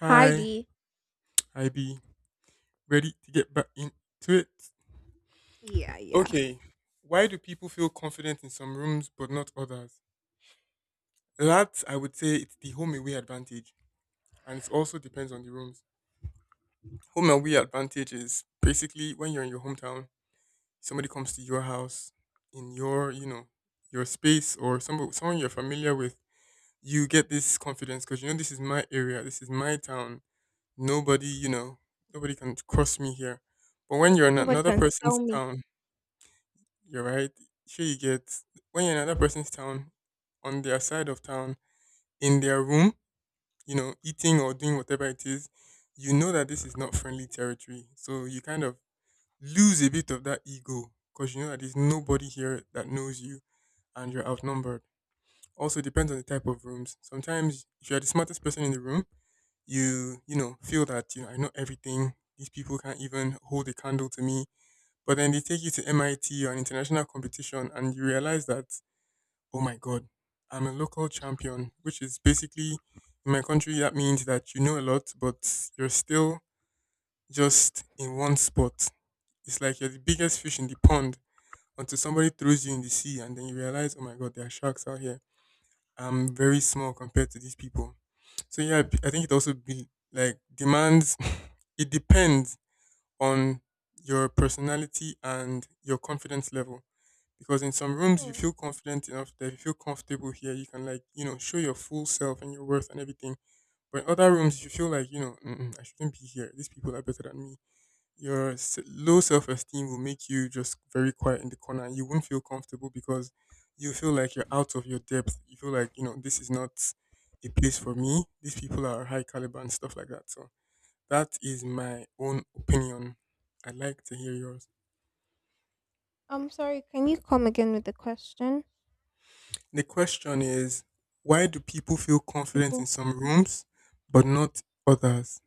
Hi, Heidi. I be ready to get back into it? Yeah, yeah. Okay. Why do people feel confident in some rooms but not others? That, I would say, it's the home away advantage, and it also depends on the rooms. Home away advantage is basically when you're in your hometown, somebody comes to your house in your, your space, or somebody, someone you're familiar with. You get this confidence because you know this is my area, this is my town. Nobody, nobody can cross me here. But when you're in Nobody another can person's sell me. town, you're right. Sure, you get when you're in another person's town, on their side of town, in their room, eating or doing whatever it is, you know that this is not friendly territory. So you kind of lose a bit of that ego because you know that there's nobody here that knows you, and you're outnumbered. Also depends on the type of rooms. Sometimes if you're the smartest person in the room, you know, feel that, you know, I know everything. These people can't even hold a candle to me. But then they take you to MIT or an international competition, and you realize that oh my god, I'm a local champion, which is basically in my country that means that you know a lot, but you're still just in one spot. It's like you're the biggest fish in the pond until somebody throws you in the sea, and then you realize, oh my god, there are sharks out here. I'm very small compared to these people. So yeah, I think it also be like demands. It depends on your personality and your confidence level. Because in some rooms you Hmm. feel confident enough that you feel comfortable here, you can like, you know, show your full self and your worth and everything. But in other rooms you feel like, you know, mm-mm, I shouldn't be here. These people are better than me. Your low self esteem will make you just very quiet in the corner. You won't feel comfortable because you feel like you're out of your depth. You feel like, you know, this is not a place for me. These people are high caliber and stuff like that. So that is my own opinion. I'd like to hear yours. I'm sorry. Can you come again with the question, The question is, why do people feel confident in people? some rooms but not others?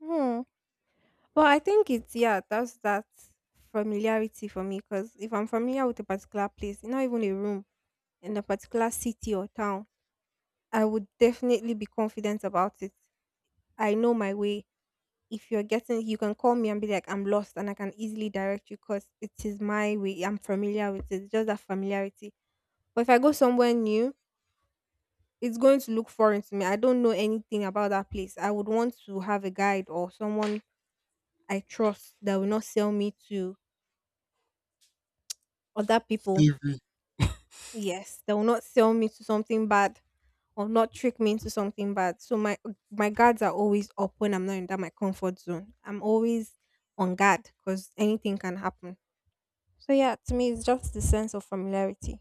Hmm. Well, I think it's, yeah, that's that familiarity for me, because if I'm familiar with a particular place, not even a room in a particular city or town, I would definitely be confident about it. I know my way. If you're getting, you can call me and be like, "I'm lost," and I can easily direct you because it is my way. I'm familiar with it. Just that familiarity. But if I go somewhere new, it's going to look foreign to me. I don't know anything about that place. I would want to have a guide or someone I trust that will not sell me to other people. Slavery. Yes, that will not sell me to something bad or not trick me into something bad. So my guards are always up when I'm not in that, my comfort zone. I'm always on guard because anything can happen. So yeah, to me it's just the sense of familiarity.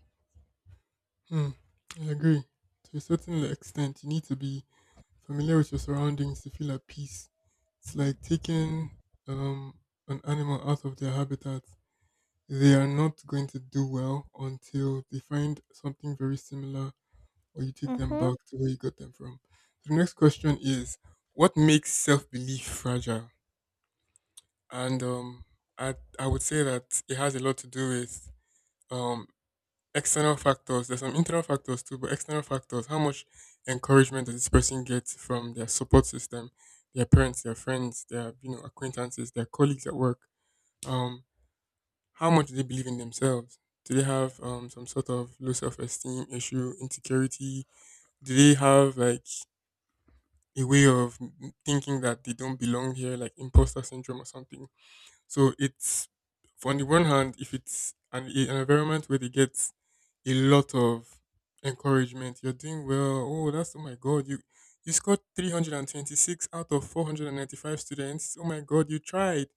Hmm. I agree. To a certain extent, you need to be familiar with your surroundings to feel at peace. It's like taking um, an animal out of their habitat. They are not going to do well until they find something very similar, or you take them Mm-hmm. back to where you got them from. The next question is, what makes self belief fragile? And I would say that it has a lot to do with um, external factors. There's some internal factors too, but external factors. How much encouragement does this person get from their support system, their parents, their friends, their, you know, acquaintances, their colleagues at work? Um, how much do they believe in themselves? Do they have some sort of low self-esteem issue, insecurity? Do they have like a way of thinking that they don't belong here, like imposter syndrome or something? So it's, on the one hand, if it's an environment where they get a lot of encouragement, you're doing well. Oh, that's oh my god, you scored 326 out of 495 students. Oh my god, you tried.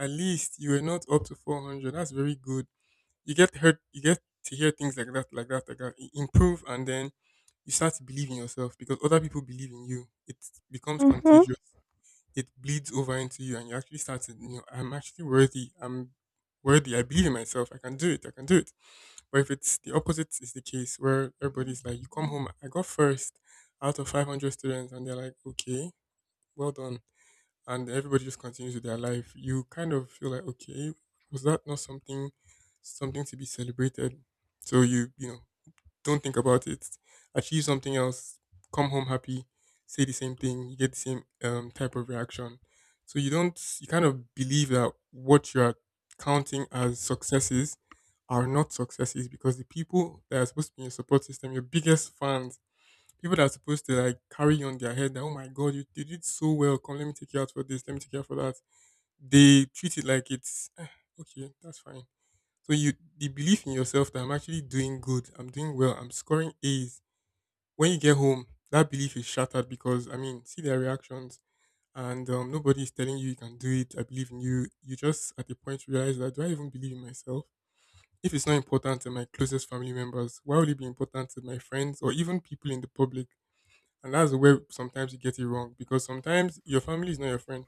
At least you were not up to 400. That's very good. You get heard. You get to hear things like that, like that, like that. Improve, and then you start to believe in yourself because other people believe in you. It becomes Mm-hmm. contagious, it bleeds over into you, and you actually start to, you know, I'm actually worthy. I'm worthy. I believe in myself. I can do it. I can do it. But if it's the opposite is the case where everybody's like, you come home, I got first out of 500 students and they're like, okay, well done. And everybody just continues with their life. You kind of feel like, okay, was that not something, something to be celebrated? So you know, don't think about it. Achieve something else. Come home happy. Say the same thing. You get the same type of reaction. So you don't. You kind of believe that what you are counting as successes are not successes because the people that are supposed to be in your support system, your biggest fans, people that are supposed to like carry on their head that oh my god, you did it so well. Come, let me take you out for this. Let me take you out for that. They treat it like it's "Eh, okay. That's fine." So you, the belief in yourself that I'm actually doing good, I'm doing well, I'm scoring A's. When you get home, that belief is shattered because, I mean, see their reactions, and nobody is telling you you can do it. I believe in you. You just at the point realize that, do I even believe in myself? If it's not important to my closest family members, why would it be important to my friends or even people in the public? And that's where sometimes you get it wrong because sometimes your family is not your friend.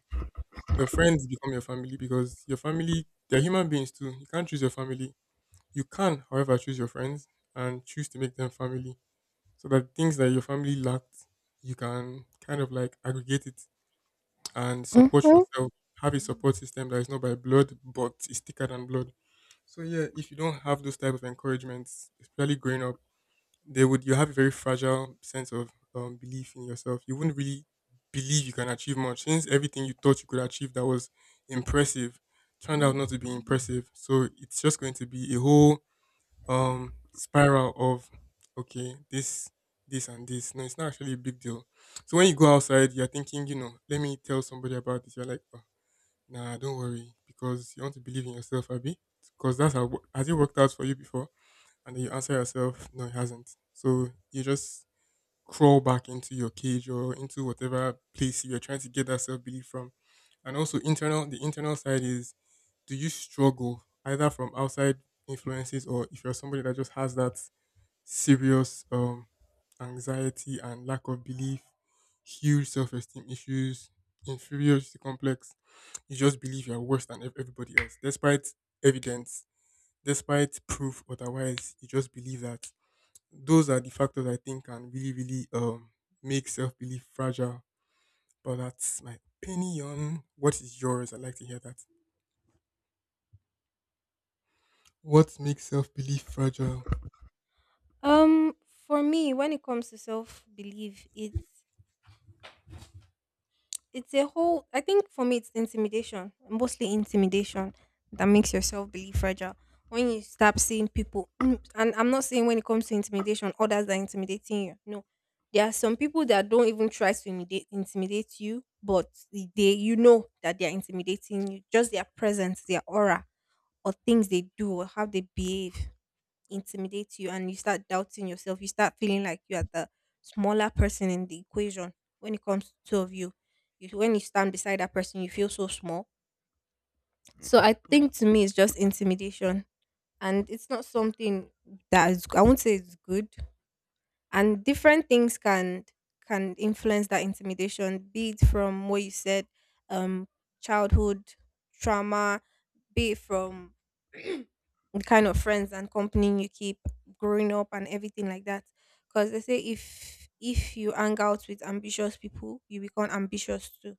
Your friends become your family because your family, they're human beings too. You can't choose your family, you can, however, choose your friends and choose to make them family so that things that your family lacked, you can kind of like aggregate it and support Mm-hmm. yourself. Have a support system that is not by blood but is thicker than blood. So yeah, if you don't have those type of encouragements, especially growing up, they would, you have a very fragile sense of belief in yourself. You wouldn't really believe you can achieve much since everything you thought you could achieve that was impressive turned out not to be impressive. So it's just going to be a whole spiral of, okay, this and this, no, it's not actually a big deal. So when you go outside you're thinking, you know, let me tell somebody about this, you're like, oh, nah, don't worry, because you want to believe in yourself, Abby, because that's how has it worked out for you before, and then you answer yourself, no, it hasn't. So you just crawl back into your cage or into whatever place you're trying to get that self belief from. And also internal, the internal side is, do you struggle either from outside influences, or if you're somebody that just has that serious anxiety and lack of belief, huge self esteem issues, inferiority complex, you just believe you're worse than everybody else, despite evidence, despite proof otherwise, you just believe that. Those are the factors I think can really, really make self belief fragile. But that's my opinion. What is yours? I'd like to hear that. What makes self belief fragile? Um, for me, when it comes to self belief, it's a whole. I think for me, it's intimidation, mostly intimidation, that makes yourself believe fragile when you start seeing people. And I'm not saying, when it comes to intimidation, others are intimidating you. No, there are some people that don't even try to intimidate you, but they, that they are intimidating you. Just their presence, their aura, or things they do or how they behave intimidates you, and you start doubting yourself. You start feeling like you are the smaller person in the equation when it comes to two of you. When you stand beside that person, you feel so small. So I think to me, it's just intimidation. And it's not something that is, I won't say it's good. And different things can influence that intimidation, be it from what you said, um, childhood trauma, be it from the kind of friends and company you keep growing up and everything like that, because they say, if you hang out with ambitious people, you become ambitious too.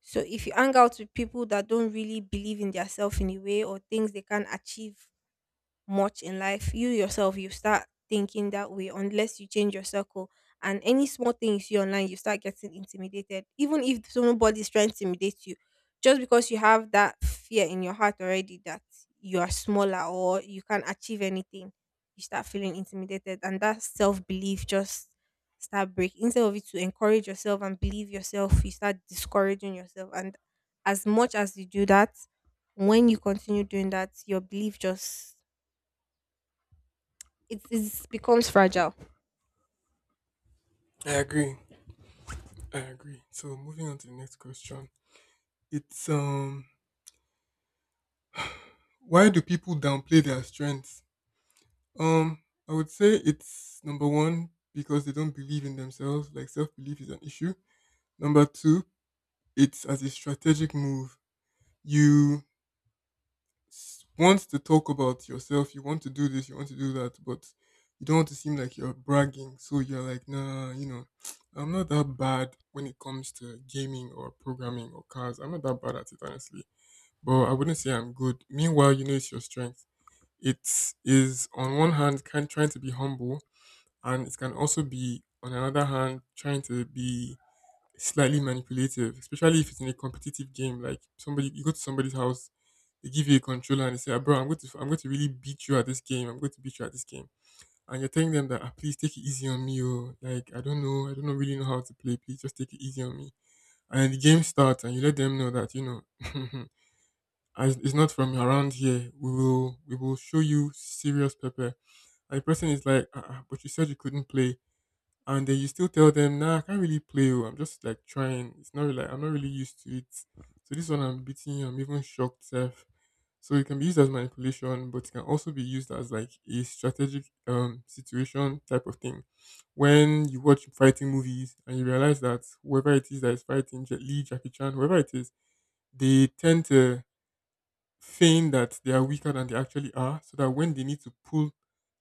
So if you Mm, hang out with people that don't really believe in themselves in a way, or things they can't achieve much in life, you yourself, you start thinking that way unless you change your circle. And any small thing you see online, you start getting intimidated. Even if somebody's trying to intimidate you, just because you have that fear in your heart already that you are smaller or you can't achieve anything, you start feeling intimidated. And that self belief just start break. Instead of it to encourage yourself and believe yourself, you start discouraging yourself, and as much as you do that, when you continue doing that, your belief just it is becomes fragile. I agree. I agree. So moving on to the next question. It's why do people downplay their strengths? Um I would say it's number one, because they don't believe in themselves, like self belief is an issue. Number two, it's as a strategic move. You want to talk about yourself, you want to do this, you want to do that, but you don't want to seem like you're bragging. So you're like, nah, you know, I'm not that bad when it comes to gaming or programming or cars. I'm not that bad at it, honestly. But I wouldn't say I'm good. Meanwhile, you know, it's your strength. It is, on one hand, kind trying to be humble, and it can also be on another hand trying to be slightly manipulative, especially if it's in a competitive game. Like somebody, you go to somebody's house, they give you a controller and they say, "Ah, bro, I'm going to really beat you at this game. I'm going to beat you at this game." And you're telling them that, ah, "Please take it easy on me, oh. Like I don't know really know how to play. Please just take it easy on me." And the game starts, and you let them know that, you know, as it's not from around here. We will show you serious pepper. And the person is like, ah, ah, "But you said you couldn't play." And then you still tell them, nah, I can't really play, oh, I'm just like trying. It's not like I'm not really used to it. So this one I'm beating you. I'm even shocked, self. So it can be used as manipulation, but it can also be used as like a strategic situation type of thing. When you watch fighting movies and you realize that whoever it is that is fighting, Jet Li, Jackie Chan, whoever it is, they tend to feign that they are weaker than they actually are, so that when they need to pull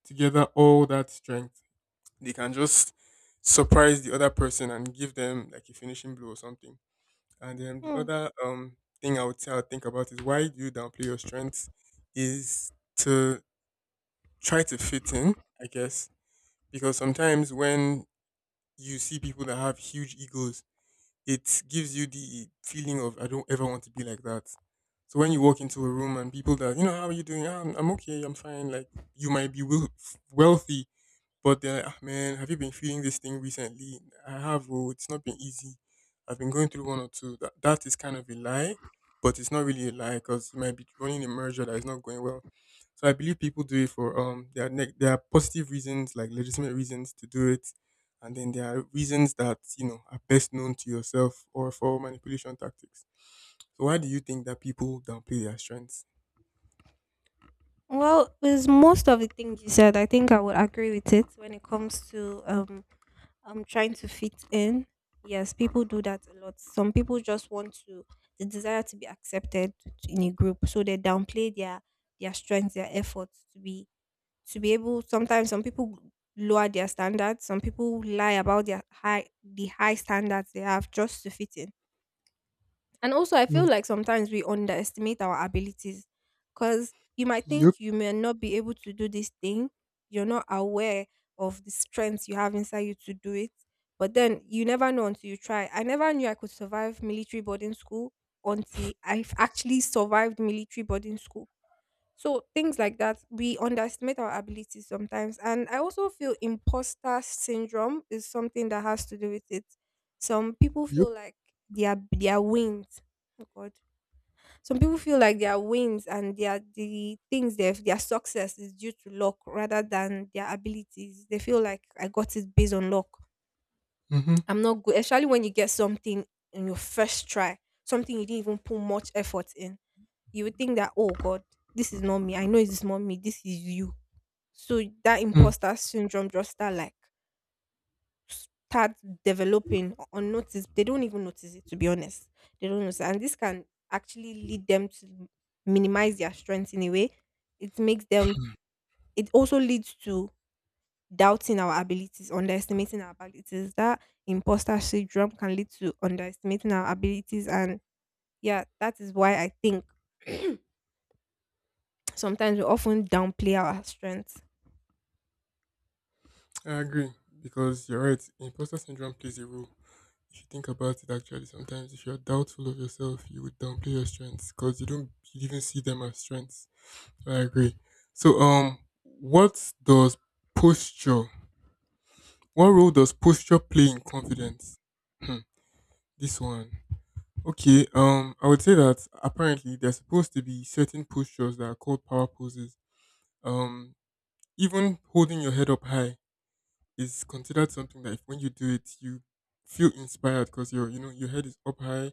together all that strength they can just surprise the other person and give them like a finishing blow or something. And then the Hmm. other thing I would say I think about is why do you downplay your strengths is to try to fit in, I guess. Because sometimes when you see people that have huge egos, it gives you the feeling of I don't ever want to be like that. So when you walk into a room and people that, you know, how are you doing? "Ah, I'm okay, I'm fine." Like you might be wealthy, but they're like, "Ah, man, have you been feeling this thing recently? I have. Oh, it's not been easy. I've been going through one or two." That is kind of a lie, but it's not really a lie because you might be running a merger that is not going well. So I believe people do it for there are there are positive reasons, like legitimate reasons to do it, and then there are reasons that you know are best known to yourself or for manipulation tactics. So why do you think that people downplay their strengths? Well, with most of the things you said, I think I would agree with it when it comes to trying to fit in. Yes, people do that a lot. Some people just want to the desire to be accepted in a group, so they downplay their strengths, their efforts to be able. Sometimes some people lower their standards, some people lie about the high standards they have just to fit in. And also, I Mm, feel like sometimes we underestimate our abilities, because you might think yep, you may not be able to do this thing, you're not aware of the strengths you have inside you to do it. But then you never know until you try. I never knew I could survive military boarding school until I actually survived military boarding school. So things like that, we underestimate our abilities sometimes. And I also feel imposter syndrome is something that has to do with it. Some people yep. feel like they are wings. Oh God. Some people feel like their wins, and the things they've, their success is due to luck rather than their abilities. They feel like, I got it based on luck. Mm-hmm. I'm not good. Especially when you get something in your first try, something you didn't even put much effort in, you would think that, oh god, this is not me, I know it's not me, this is you. So that Mm. imposter syndrome just start, like, start developing unnoticed. They don't even notice it, to be honest. They don't notice, and this can actually lead them to minimize their strengths in a way. It makes them It also leads to doubting our abilities, underestimating our abilities. That imposter syndrome can lead to underestimating our abilities. And yeah, that is why I think, sometimes we often downplay our strengths. I agree, because you're right. Imposter syndrome plays a role. If you think about it, actually, sometimes if you're doubtful of yourself, you would downplay your strengths because you don't even see them as strengths. So, I agree. So, what does posture? What role does posture play in confidence? Hmm, this one. Okay. I would say that apparently there's supposed to be certain postures that are called power poses. Um, even holding your head up high is considered something that if when you do it, you feel inspired because your you know your head is up high,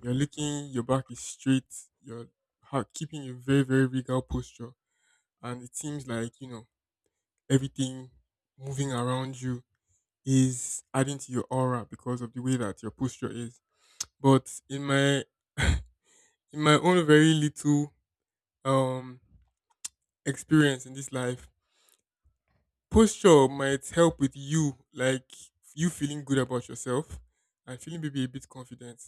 you're looking, your back is straight, you're keeping a very, very regal posture, and it seems like you know everything moving around you is adding to your aura because of the way that your posture is. But in my own very little um experience in this life, posture might help with you, like you feeling good about yourself and feeling maybe a bit confident.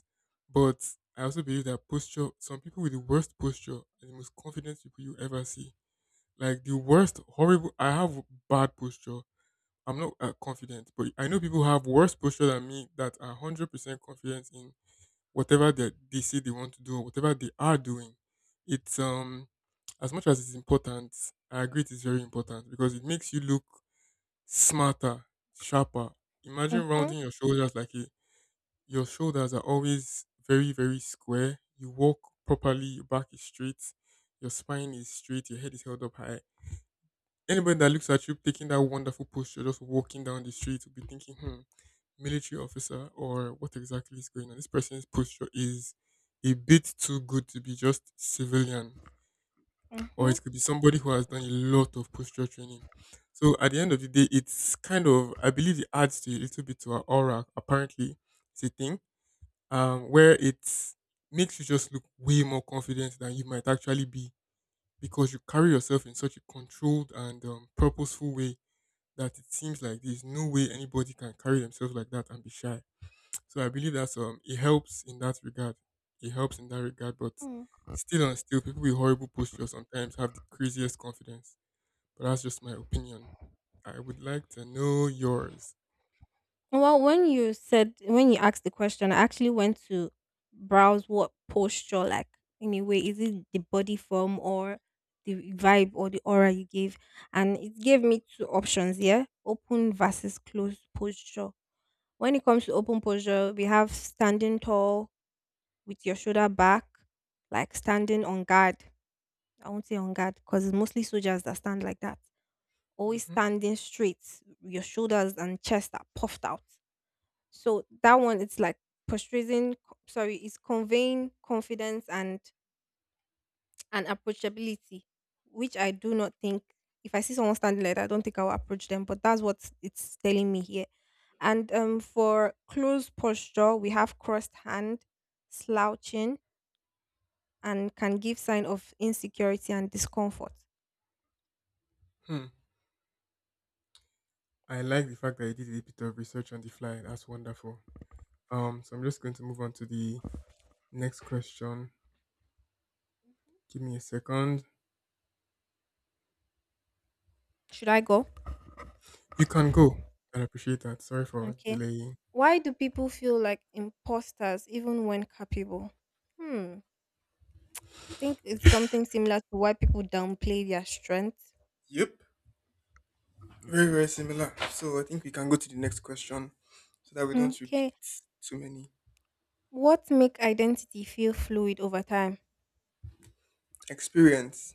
But I also believe that posture, some people with the worst posture are the most confident people you ever see. Like the worst, horrible. I have bad posture. I'm not confident, but I know people who have worse posture than me that are 100% confident in whatever they say they want to do or whatever they are doing. It's as much as it's important, I agree it is very important because it makes you look smarter, sharper. Imagine Mm-hmm, rounding your shoulders like a, your shoulders are always very, very square. You walk properly, your back is straight, your spine is straight, your head is held up high. Anybody that looks at you taking that wonderful posture, just walking down the street, will be thinking, hmm, military officer, or what exactly is going on? This person's posture is a bit too good to be just civilian, or it could be somebody who has done a lot of posture training. So at the end of the day, it's kind of I believe it adds to a little bit to our aura. Apparently, it's a thing where it makes you just look way more confident than you might actually be mm-hmm. because you carry yourself in such a controlled and purposeful way that it seems like there's no way anybody can carry themselves like that and be shy. So I believe that it helps in that regard. It helps in that regard, but still and still, people with horrible posture sometimes have the craziest confidence. But that's just my opinion. I would like to know yours. Well, when you asked the question, I actually went to browse what posture, like, in a way, is it the body form or the vibe or the aura you gave, and it gave me two options. Yeah, open versus closed posture. When it comes to open posture, we have standing tall with your shoulder back, like standing on guard. I won't say on guard because it's mostly soldiers that stand like that. Always Hmm. standing straight, your shoulders and chest are puffed out, so that one, it's like portraying, sorry, it's conveying confidence and approachability, which I do not think. If I see someone standing like that, I don't think I will approach them. But that's what it's telling me here. And for closed posture, we have crossed hand, slouching, and can give sign of insecurity and discomfort. Hmm. I like the fact that you did a bit of research on the fly. That's wonderful. So I'm just going to move on to the next question. Give me a second. Should I go? You can go. I appreciate that. Sorry for Okay. delaying. Why do people feel like imposters even when capable? Hmm. Think it's something similar to why people downplay their strengths. Yep. Very, very similar. So I think we can go to the next question so that we don't repeat Okay. too many. What make identity feel fluid over time? Experience.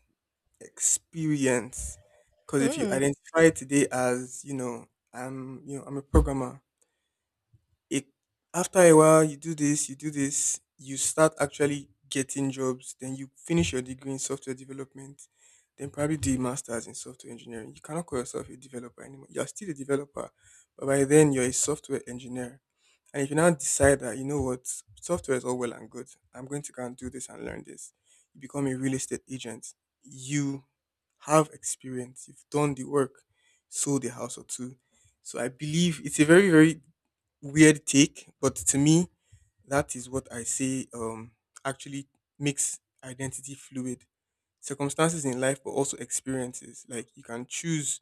Experience. Because if you Hmm. identify today as, you know, I'm a programmer, it after a while you do this, you do this, you start actually getting jobs, then you finish your degree in software development, then probably do a masters in software engineering. You cannot call yourself a developer anymore. You're still a developer, but by then you're a software engineer. And if you now decide that, you know what, software is all well and good, I'm going to go and do this and learn this, you become a real estate agent. You have experience, you've done the work, sold a house or two. So I believe it's a very, very weird take, but to me, that is what I say actually makes identity fluid. Circumstances in life, but also experiences. Like you can choose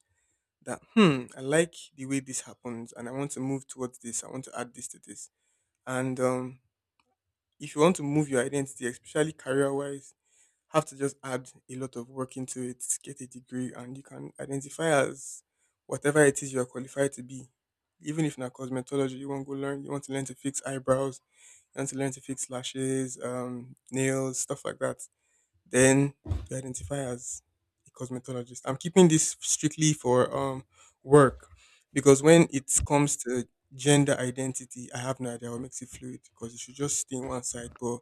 that, hmm, I like the way this happens and I want to move towards this, I want to add this to this and if you want to move your identity, especially career wise, have to just add a lot of work into it, get a degree, and you can identify as whatever it is you are qualified to be. Even if not cosmetology, you want to go learn, you want to learn to fix eyebrows, you want to learn to fix lashes, nails, stuff like that. Then you identify as a cosmetologist. I'm keeping this strictly for work because when it comes to gender identity, I have no idea what makes it fluid because it should just stay in one side, but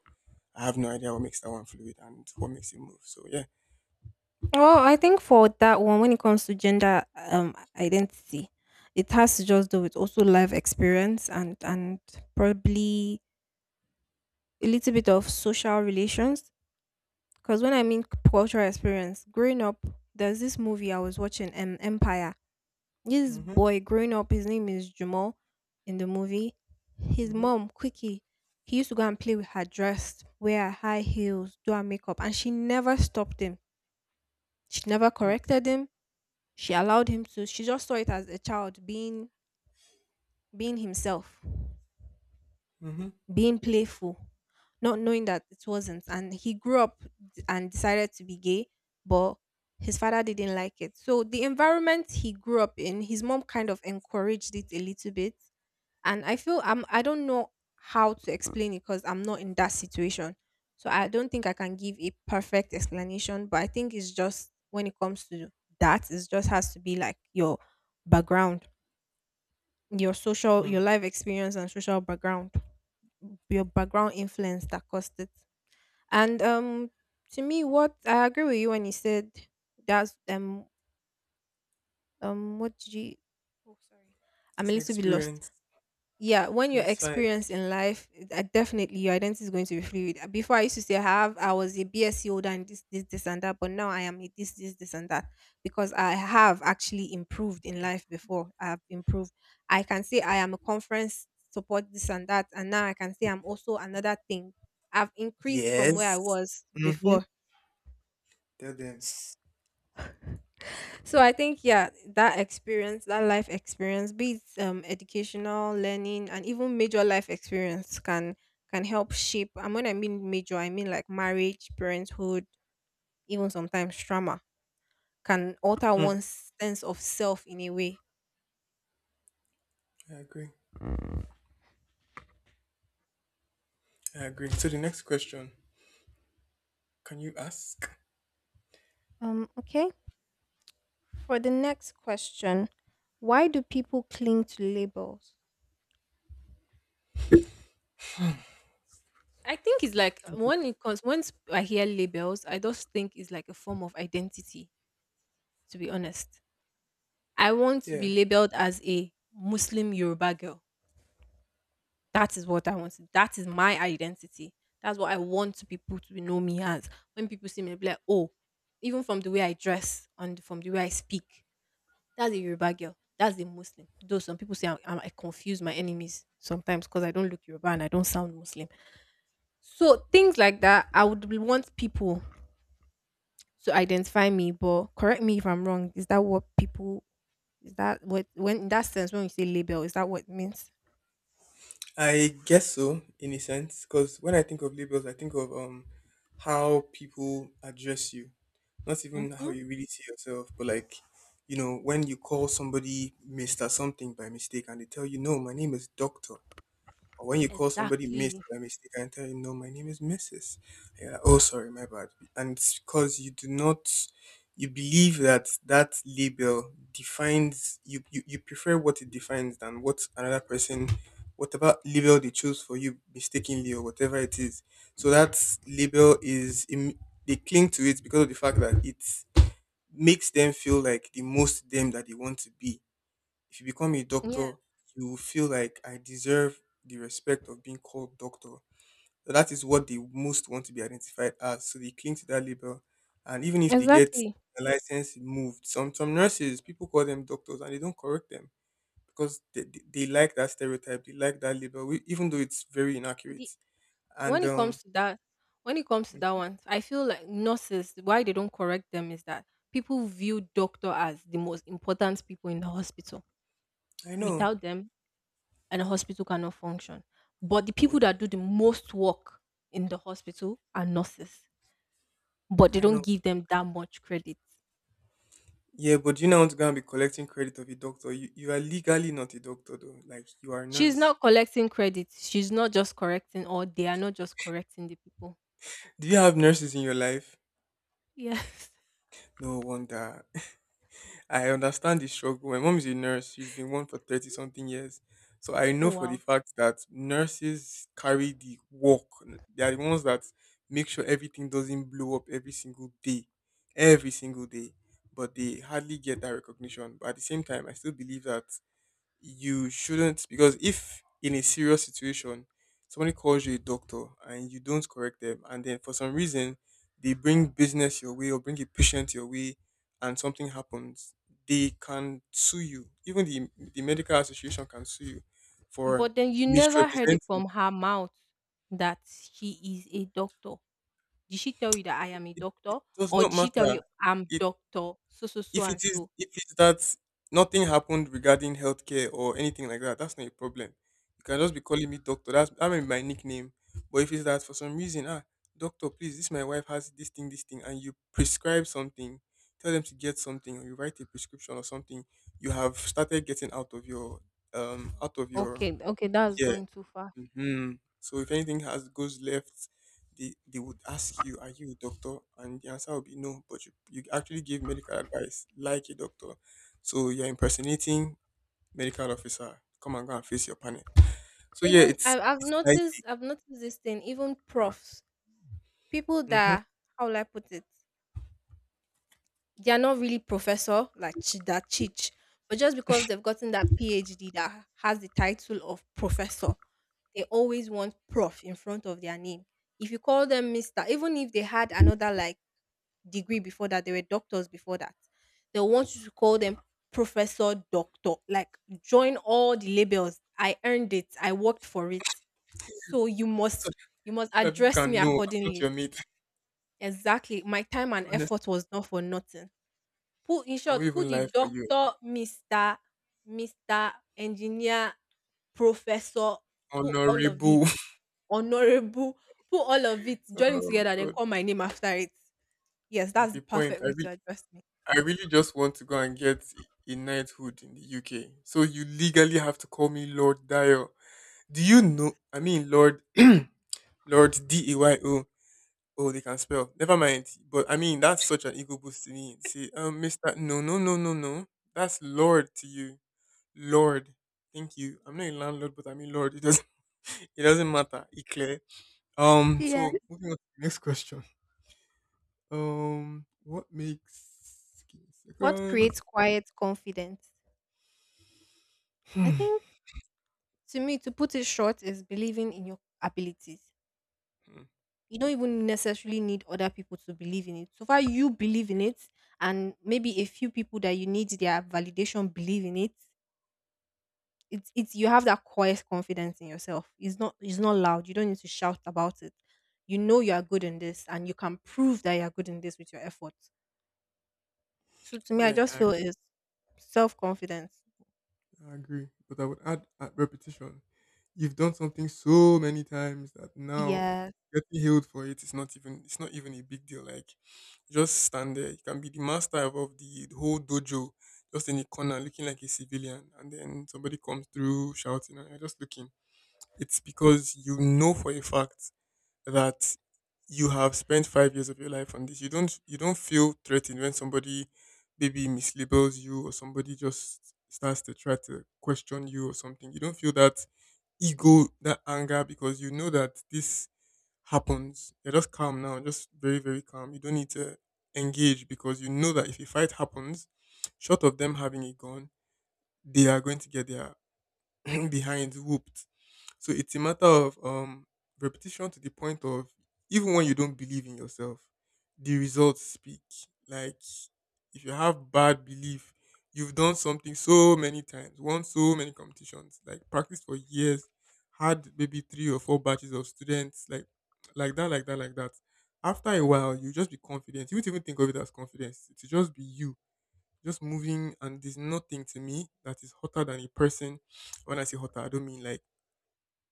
I have no idea what makes that one fluid and what makes it move. So yeah. Oh, I think for that one, when it comes to gender identity, it has to just do with also life experience, and probably a little bit of social relations. Because when I mean cultural experience, growing up, there's this movie I was watching, Empire. This boy growing up, his name is Jamal in the movie. His mom, Quickie, he used to go and play with her dress, wear her high heels, do her makeup, and she never stopped him. She never corrected him. She allowed him to. She just saw it as a child being himself, Mm-hmm. being playful, not knowing that it wasn't. And he grew up and decided to be gay, but his father didn't like it. So the environment he grew up in, his mom kind of encouraged it a little bit. And I feel, I don't know how to explain it because I'm not in that situation, so I don't think I can give a perfect explanation. But I think it's just when it comes to that, it just has to be like your background, Mm. your life experience and social background, your background influence that caused it. And to me, what I agree with you when you said, that's what did you, oh sorry, I'm It's a an little bit lost. experience. Yeah, when Yeah, you're it's fine. experienced in life, definitely your identity is going to be fluid. Before I used to say I was a bsc holder, and this and that, but now I am a this this this and that, because I have actually improved in life. Before I have improved, I can say I am a conference support, this and that, and now I can say I'm also another thing. I've increased from where I Yes. was Mm-hmm. before. Tell them. So I think, yeah, that experience, that life experience, be it educational, learning, and even major life experience can help shape. And when I mean major, I mean like marriage, parenthood, even sometimes trauma, can alter Hmm. one's sense of self in a way. I agree. I agree. So the next question, can you ask? Okay. For the next question, why do people cling to labels? I think it's like, when it comes, once I hear labels, I just think it's like a form of identity, to be honest. I want to Yeah. be labeled as a Muslim Yoruba girl. That is what I want. That is my identity. That's what I want people to know me as. When people see me, they'll be like, oh, even from the way I dress and from the way I speak, that's a Yoruba girl. That's a Muslim. Though some people say I confuse my enemies sometimes because I don't look Yoruba and I don't sound Muslim. So things like that, I would want people to identify me. But correct me if I'm wrong. Is that what people, is that what, when, in that sense, when you say label, is that what it means? I guess so, in a sense, because when I think of labels, I think of how people address you, not even how Mhm. you really see yourself, but like you know when you call somebody Mister Something by mistake and they tell you no, my name is Doctor, or when you call somebody Miss Exactly. by mistake and tell you, no, my name is Mrs. And you're like, oh, sorry, my bad. And it's because you do not, you believe that that label defines, you prefer what it defines than what another person, whatever label they chose for you mistakenly or whatever it is. So that label is, they cling to it because of the fact that it makes them feel like the most them that they want to be. If you become a Yeah, doctor, you will feel like I deserve the respect of being called doctor. So that is what they most want to be identified as. So they cling to that label. And even if they get exactly. a license moved, some nurses, people call them doctors and they don't correct them because they like that stereotype, they like that label, even though it's very inaccurate. The when And it comes to that, when it comes to that one, I feel like nurses, why they don't correct them is that people view doctor as the most important people in the hospital. I know, Without them, and the hospital cannot function. But the but people that do the most work in the hospital are nurses, but they I know. don't give them that much credit. Yeah, but you're not want to go and be collecting credit of a doctor. You are legally not a doctor though. Like you are a She's nurse. not collecting credit. She's not just correcting, or they are not just correcting the people. Do you have nurses in your life? Yes. No wonder. I understand the struggle. My mom is a nurse. She's been one for 30 something years. So I know Oh for the wow. fact that nurses carry the work. They are the ones that make sure everything doesn't blow up every single day. Every single day. But they hardly get that recognition. But at the same time, I still believe that you shouldn't, because if in a serious situation somebody calls you a doctor and you don't correct them and then for some reason they bring business your way or bring a patient your way and something happens, they can sue you. Even the medical association can sue you for But then you never heard it misrepresenting from her mouth that she is a doctor. Did she tell you that I am a it. It doctor? does Or not did she tell matter. you I'm It doctor? So so so If it and is so. if it's that nothing happened regarding healthcare or anything like that, that's not a problem. You can just be calling me doctor. That's that may be my nickname. But if it's that for some reason, doctor, please, this my wife has this thing, and you prescribe something, tell them to get something, or you write a prescription or something, you have started getting out of your. Okay, okay, that's Yeah. going too far. Hmm. So if anything has goes left, they would ask you, "Are you a doctor?" And the answer would be no. But you actually give medical advice like a doctor. So you're impersonating medical officer. Come and go and face your panel. So yeah, Even it's I, I've it's dicey. noticed I've noticed this thing, even profs, people Hmm. that, how will I put it? They are not really professor, like that teach, but just because they've gotten that PhD that has the title of professor, they always want prof in front of their name. If you call them Mr., even if they had another, like, degree before that, they were doctors before that, they want you to call them professor, doctor, like, join all the labels. I earned it. I worked for it. So you So, must you must so that people address me can know I'm not accordingly. your mate. Exactly. My time and Honest, effort was not for nothing. Put in I will short, put even the lie for you. doctor, Mr. Mr. Engineer, Professor, put all of it Honorable. honorable, put all of it, Oh join it my together, then god. call my name after it. Yes, At that's a the point, perfect I way to really, address me. I really just want to go and get a knighthood in the UK. So you legally have to call me Lord Dio. Do you know? I mean, Lord, Lord Deyo. Oh, they can spell. Never mind. But I mean, that's such an ego boost to me. See, Mister, no, no, no, no, no. That's Lord to you, Lord. Thank you. I'm not a landlord, but I mean Lord. It doesn't. It doesn't matter. It's clear. Yeah. So moving on to the next question. What makes? Give me a What second. creates quiet confidence? I Hmm. think to me, to put it short, is believing in your abilities. Hmm. You don't even necessarily need other people to believe in it. So far, you believe in it, and maybe a few people that you need their validation believe in it. It's you have that quiet confidence in yourself. It's not loud. You don't need to shout about it. You know you are good in this, and you can prove that you are good in this with your efforts. So to me, I Yeah. just feel it's self confidence. I agree, but I would add at repetition. You've done something so many times that now Yes. getting healed for it is not even it's not even a big deal. Like just stand there. You can be the master of the whole dojo, just in the corner looking like a civilian, and then somebody comes through shouting and you're just looking. It's because you know for a fact that you have spent 5 years of your life on this. You don't feel threatened when somebody maybe mislabels you or somebody just starts to try to question you or something. You don't feel that ego, that anger because you know that this happens. You're just calm now, just very, very calm. You don't need to engage because you know that if a fight happens, short of them having a gun, they are going to get their behinds whooped. So it's a matter of repetition to the point of even when you don't believe in yourself, the results speak. Like if you have bad belief, you've done something so many times, won so many competitions, like practiced for years, had maybe three or four batches of students, like that, like that, like that. After a while, you just be confident. You won't even think of it as confidence. It will just be you, just moving, and there's nothing to me that is hotter than a person. When I say hotter, I don't mean like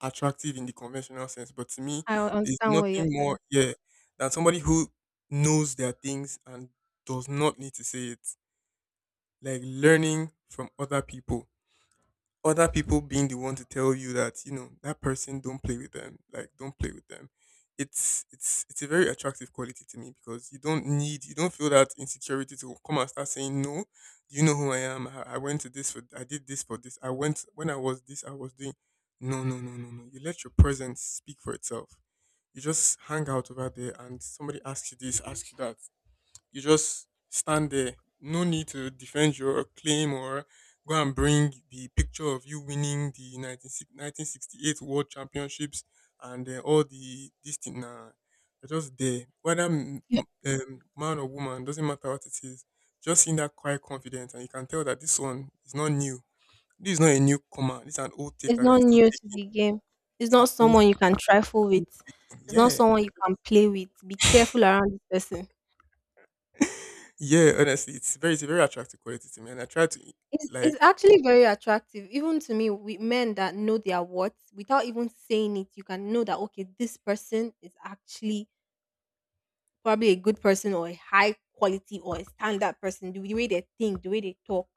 attractive in the conventional sense, but to me, I un- there's understand what nothing you're more, saying. yeah, than somebody who knows their things and does not need to say it. Like learning from other people, other people being the one to tell you that you know that person, don't play with them, like, don't play with them. It's a very attractive quality to me because you don't feel that insecurity to come and start saying, "No, do you know who I am? I went to this for I did this for this I went when I was this I was doing. No, no, no, no, no." You let your presence speak for itself. You just hang out over there and somebody asks you this, asks you that. You just stand there. No need to defend your claim or go and bring the picture of you winning the 19, 1968 World Championships and all the this thing. Nah, you're just there. Whether You- man or woman, doesn't matter what it is. Just in that quiet confidence, and you can tell that this one is not new. This is not a newcomer. This is an old It's taker that is not still new to taking. the game. It's It's an not old someone you can trifle still with. taking. It's not Yeah, someone you can play with. Be careful around this person. yeah. Honestly, it's a very attractive quality to me, and I try to It's like. it's actually very attractive, even to me, we men that know their worth without even saying it, you can know that, okay, this person is actually probably a good person or a high quality or a standard person, the way they think, the way they talk.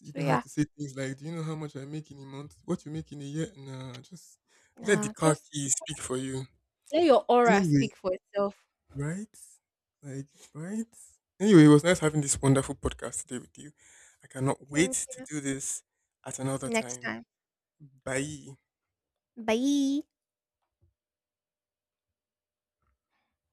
You So don't have yeah, to say things like, "Do you know how much I make in a month? What you make in a year?" Nah, just let the nah, car just keys speak for you. let your aura Anyway, speak for itself. right? Like, right? Anyway, it was nice having this wonderful podcast today with you. I cannot wait Same to here. do this at another Next time. time. Bye. Bye.